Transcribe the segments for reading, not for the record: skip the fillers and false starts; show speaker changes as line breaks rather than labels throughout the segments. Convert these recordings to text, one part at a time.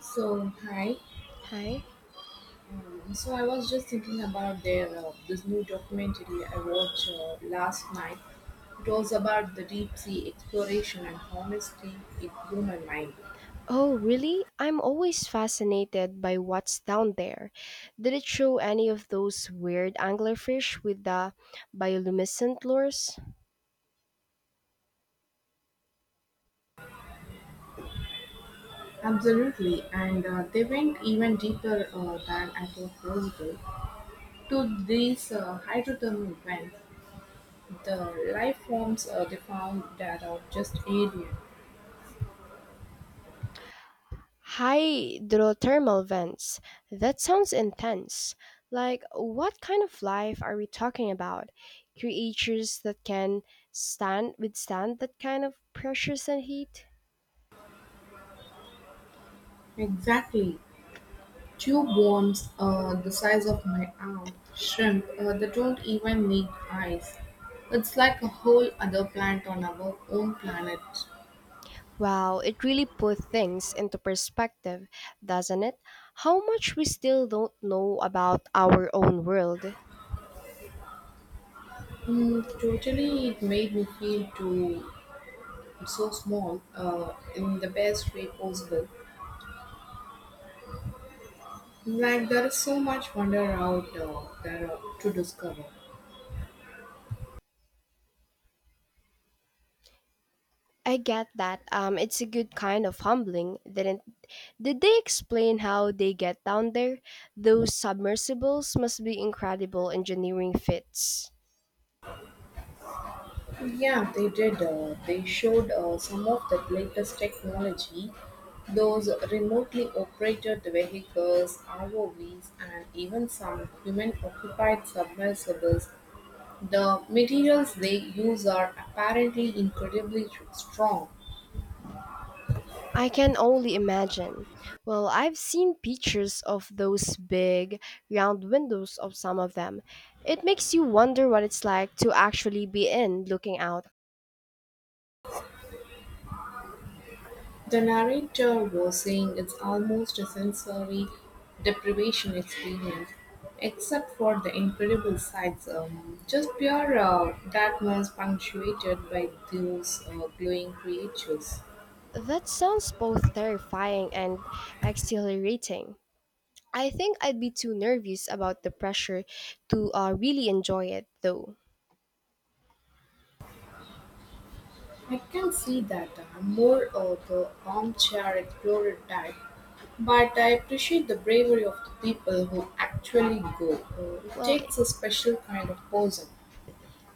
So hi,
Hi.
so I was just thinking about their this new documentary I watched last night. It was about the deep sea exploration and honesty in human mind.
Oh, really? I'm always fascinated by what's down there. Did it show any of those weird anglerfish with the bioluminescent lures?
Absolutely, and they went even deeper than I thought possible to these hydrothermal vents. The life forms they found that are just alien.
Hydrothermal vents. That sounds intense. Like, what kind of life are we talking about? Creatures that can stand withstand that kind of pressures and heat?
Exactly, tube worms the size of my arm, shrimp that don't even need eyes. It's like a whole other planet on our own planet.
Wow, it really puts things into perspective, doesn't it? How much we still don't know about our own world.
Mm, totally, it made me feel too so small in the best way possible. Like there is so much wonder out there to discover.
I get that. It's a good kind of humbling, didn't? Did they explain how they get down there? Those submersibles must be incredible engineering feats.
Yeah, they did. They showed some of the latest technology, those remotely operated vehicles, ROVs, and even some human occupied submersibles. The materials they use are apparently incredibly strong.
I can only imagine. Well, I've seen pictures of those big, round windows of some of them. It makes you wonder what it's like to actually be in, looking out.
The narrator was saying it's almost a sensory deprivation experience, except for the incredible sights, just pure darkness punctuated by those glowing creatures.
That sounds both terrifying and exhilarating. I think I'd be too nervous about the pressure to really enjoy it, though.
I can see that I'm more of the armchair explorer type, but I appreciate the bravery of the people who actually go. It
Well,
takes a special kind of person.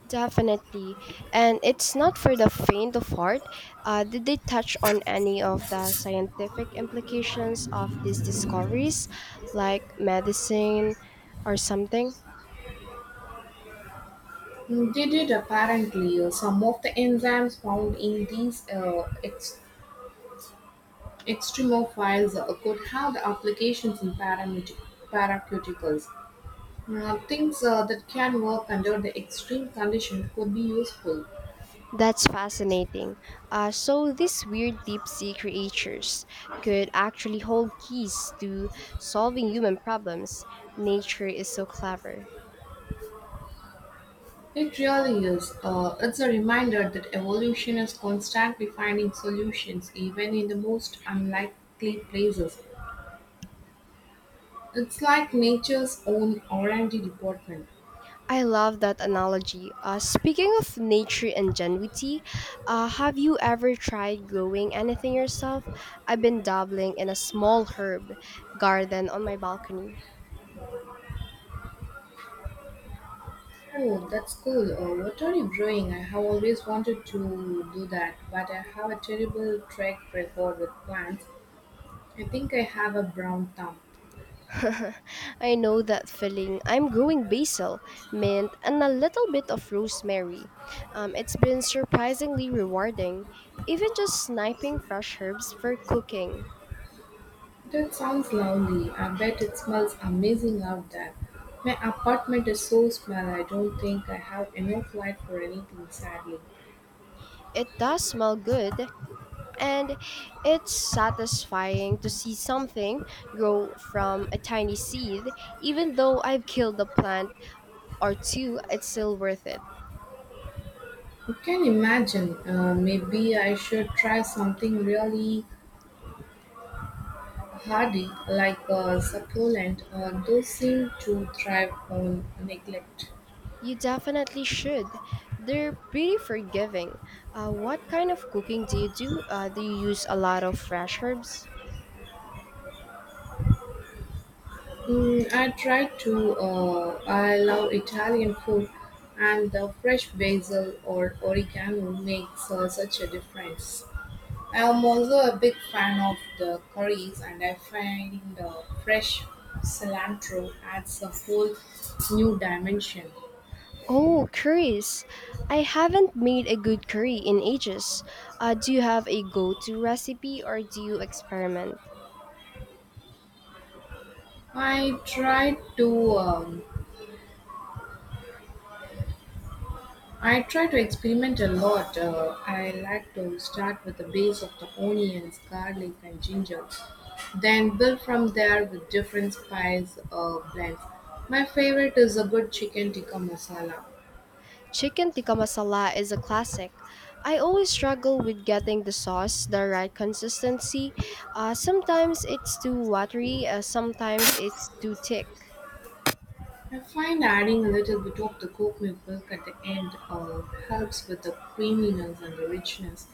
definitely. And it's not for the faint of heart. Did they touch on any of the scientific implications of these discoveries, like medicine or something?
Did it apparently some of the enzymes found in these extremophiles could have the applications in paraceuticals. Things that can work under the extreme condition could be useful.
That's fascinating. So these weird deep sea creatures could actually hold keys to solving human problems. Nature is so clever.
It really is. It's a reminder that evolution is constantly finding solutions even in the most unlikely places. It's like nature's own R&D department.
I love that analogy. Speaking of nature ingenuity, have you ever tried growing anything yourself? I've been dabbling in a small herb garden on my balcony.
Oh, that's cool. What are you brewing? I have always wanted to do that, but I have a terrible track record with plants. I think I have a brown thumb.
I know that feeling. I'm growing basil, mint, and a little bit of rosemary. It's been surprisingly rewarding, even just sniping fresh herbs for cooking.
That sounds lovely. I bet it smells amazing out there. My apartment is so small, I don't think I have enough light for anything, sadly.
It does smell good, and it's satisfying to see something grow from a tiny seed. Even though I've killed a plant or two, it's still worth it.
You can imagine. Maybe I should try something really hardy, like a succulent. Those seem to thrive on neglect.
You definitely should. They're pretty forgiving. What kind of cooking do you do? Do you use a lot of fresh herbs?
Mm, I tried to. I love Italian food, and the fresh basil or oregano makes such a difference. I am also a big fan of the curries, and I find the fresh cilantro adds a whole new dimension.
Oh, curries. I haven't made a good curry in ages. Do you have a go to recipe or do you experiment?
I tried to um, I try to experiment a lot. I like to start with the base of the onions, garlic, and ginger, then build from there with different spice blends. My favorite is a good chicken tikka masala.
Chicken tikka masala is a classic. I always struggle with getting the sauce the right consistency. Sometimes it's too watery, sometimes it's too thick.
I find adding a little bit of the coconut milk at the end, helps with the creaminess and the richness.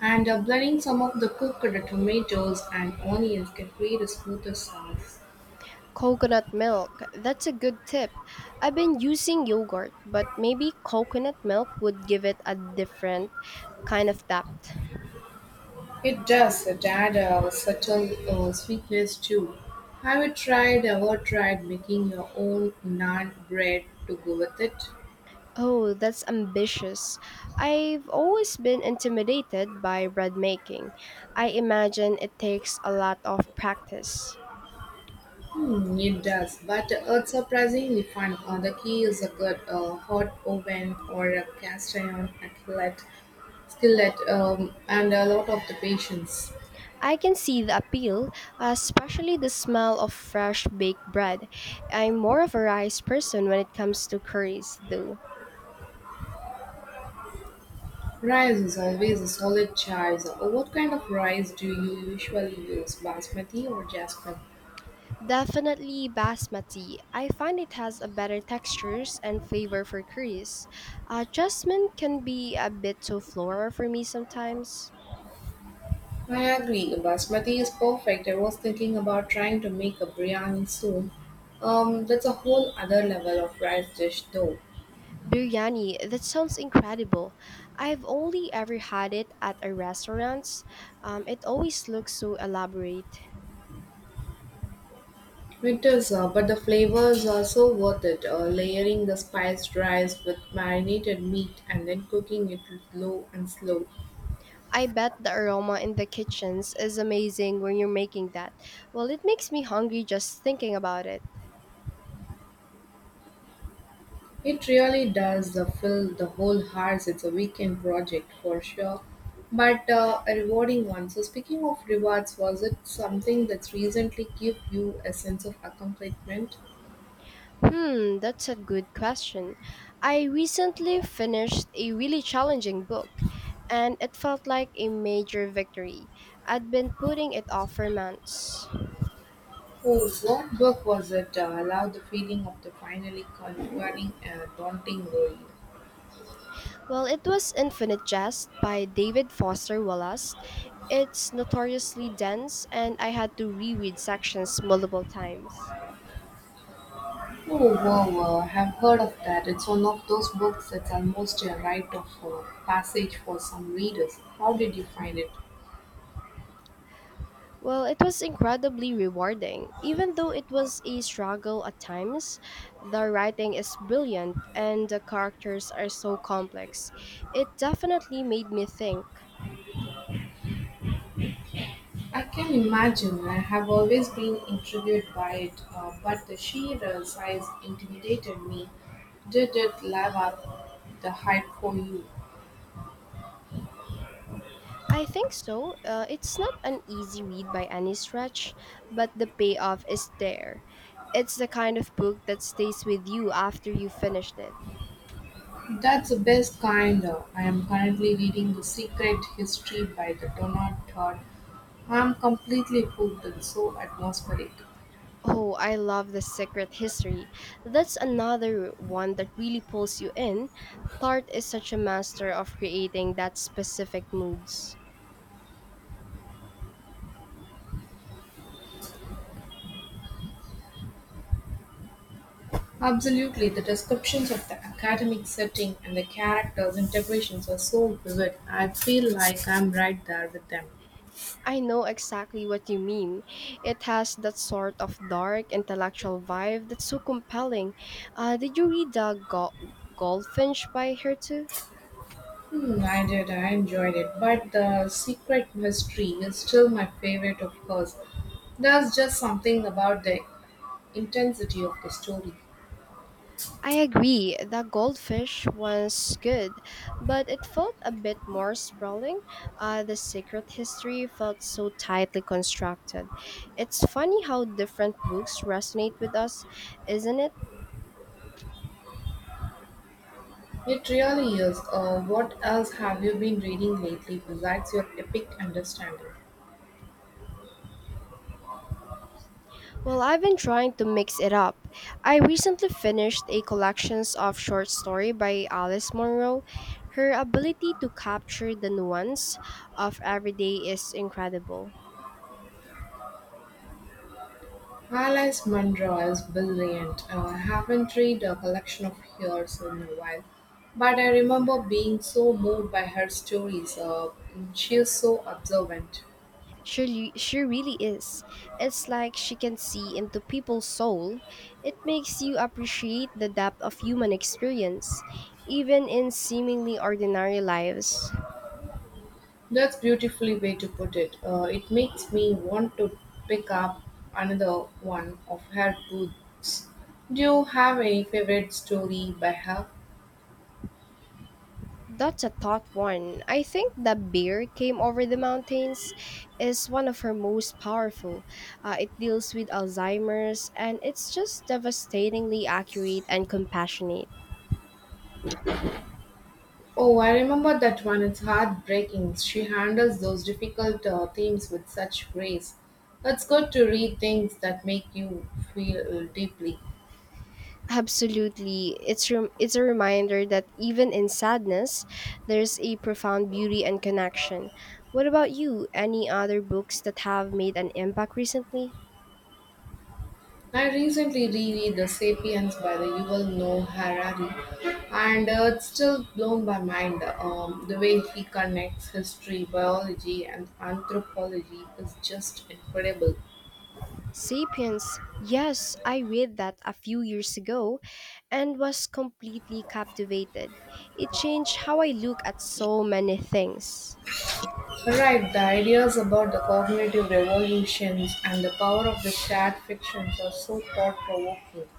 And blending some of the cooked tomatoes and onions can create a smoother sauce.
Coconut milk. That's a good tip. I've been using yogurt, but maybe coconut milk would give it a different kind of depth.
It does it add a subtle sweetness too. Have you tried ever tried making your own naan bread to go with it?
Oh, that's ambitious. I've always been intimidated by bread making. I imagine it takes a lot of practice.
Hmm, it does, but it's surprisingly fun. The key is a good hot oven or a cast iron skillet, skillet, and a lot of the patience.
I can see the appeal, especially the smell of fresh baked bread. I'm more of a rice person when it comes to curries, though.
Rice is always a solid choice. What kind of rice do you usually use, basmati or jasmine?
Definitely basmati. I find it has a better textures and flavor for curries. Jasmine can be a bit too floral for me sometimes.
I agree. Basmati is perfect. I was thinking about trying to make a biryani soon. That's a whole other level of rice dish, though.
Biryani, that sounds incredible. I've only ever had it at a restaurant. It always looks so elaborate.
It is, but the flavors are so worth it. Layering the spiced rice with marinated meat and then cooking it low and slow.
I bet the aroma in the kitchens is amazing when you're making that. Well, it makes me hungry just thinking about it.
It really does fill the whole house. It's a weekend project for sure, but a rewarding one. So, speaking of rewards, was it something that's recently give you a sense of accomplishment?
Hmm, that's a good question. I recently finished a really challenging book, and it felt like a major victory. I'd been putting it off for months.
Oh, what book was it allowed the feeling of the finally conquering a daunting world?
Well, it was Infinite Jest by David Foster Wallace. It's notoriously dense, and I had to reread sections multiple times.
Oh, wow, wow. I've heard of that. It's one of those books that's almost a rite of passage for some readers. How did you find it?
Well, it was incredibly rewarding. Even though it was a struggle at times, the writing is brilliant and the characters are so complex. It definitely made me think.
I can imagine. I have always been intrigued by it, but the sheer size intimidated me. Did it live up the hype for you?
I think so. It's not an easy read by any stretch, but the payoff is there. It's the kind of book that stays with you after you finished it.
That's the best kinda. I'm currently reading The Secret History by the Donald Todd. I'm completely hooked and so atmospheric.
Oh, I love The Secret History. That's another one that really pulls you in. Tart is such a master of creating that specific moods.
Absolutely, the descriptions of the academic setting and the characters' interpretations are so vivid. I feel like I'm right there with them.
I know exactly what you mean. It has that sort of dark intellectual vibe that's so compelling. Did you read Goldfinch by her too?
Hmm, I did. I enjoyed it. But the secret mystery is still my favorite, of course. There's just something about the intensity of the story.
I agree, the goldfish was good, but it felt a bit more sprawling. The secret history felt so tightly constructed. It's funny how different books resonate with us, isn't it?
It really is. What else have you been reading lately besides your epic understanding?
Well, I've been trying to mix it up. I recently finished a collections of short story by Alice Munro. Her ability to capture the nuance of everyday is incredible.
Alice Munro is brilliant. I haven't read a collection of hers in a while, but I remember being so moved by her stories. She is so observant.
She really is. It's like she can see into people's soul. It makes you appreciate the depth of human experience, even in seemingly ordinary lives.
That's beautifully way to put it. It makes me want to pick up another one of her books. Do you have any favorite story by her?
That's a thought one. I think The Bear Came Over the Mountains is one of her most powerful. It deals with Alzheimer's and it's just devastatingly accurate and compassionate.
Oh, I remember that one. It's heartbreaking. She handles those difficult themes with such grace. It's good to read things that make you feel deeply.
Absolutely. It's a reminder that even in sadness, there's a profound beauty and connection. What about you? Any other books that have made an impact recently?
I recently reread The Sapiens by the Yuval Noah Harari, and it's still blown my mind. The way he connects history, biology, and anthropology is just incredible.
Sapiens. Yes, I read that a few years ago and was completely captivated. It changed how I look at so many things.
Right, the ideas about the cognitive revolutions and the power of the shared fictions are so thought provoking.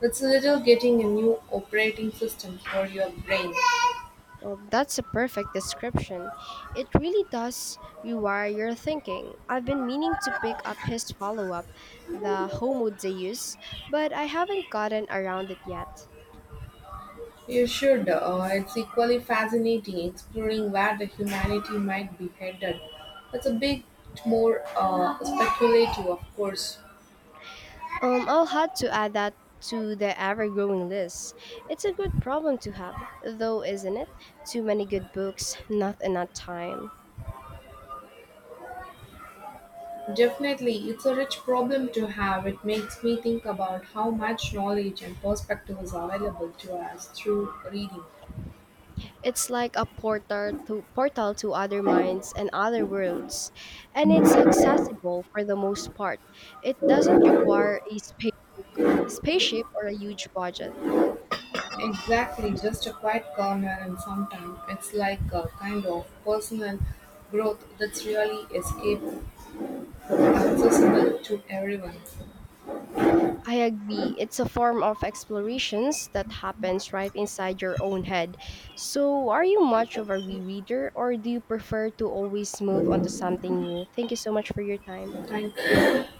It's a little getting a new operating system for your brain.
Well, that's a perfect description. It really does rewire your thinking. I've been meaning to pick up his follow up, The Homo Deus, but I haven't gotten around it yet.
You should. It's equally fascinating exploring where the humanity might be headed. It's a bit more speculative, of course.
I'll have to add that to the ever growing list. It's a good problem to have, though, isn't it? Too many good books, not enough time.
Definitely, it's a rich problem to have. It makes me think about how much knowledge and perspective is available to us through reading.
It's like a portal to other minds and other worlds, and it's accessible for the most part. It doesn't require a spaceship or a huge budget.
Exactly,
I'm
just
sorry.
a quiet corner, and sometimes it's like a kind of personal growth that's really escape accessible to everyone.
I agree. It's a form of explorations that happens right inside your own head. So, are you much of a rereader or do you prefer to always move on to something new? Thank you so much for your time.
Thank you.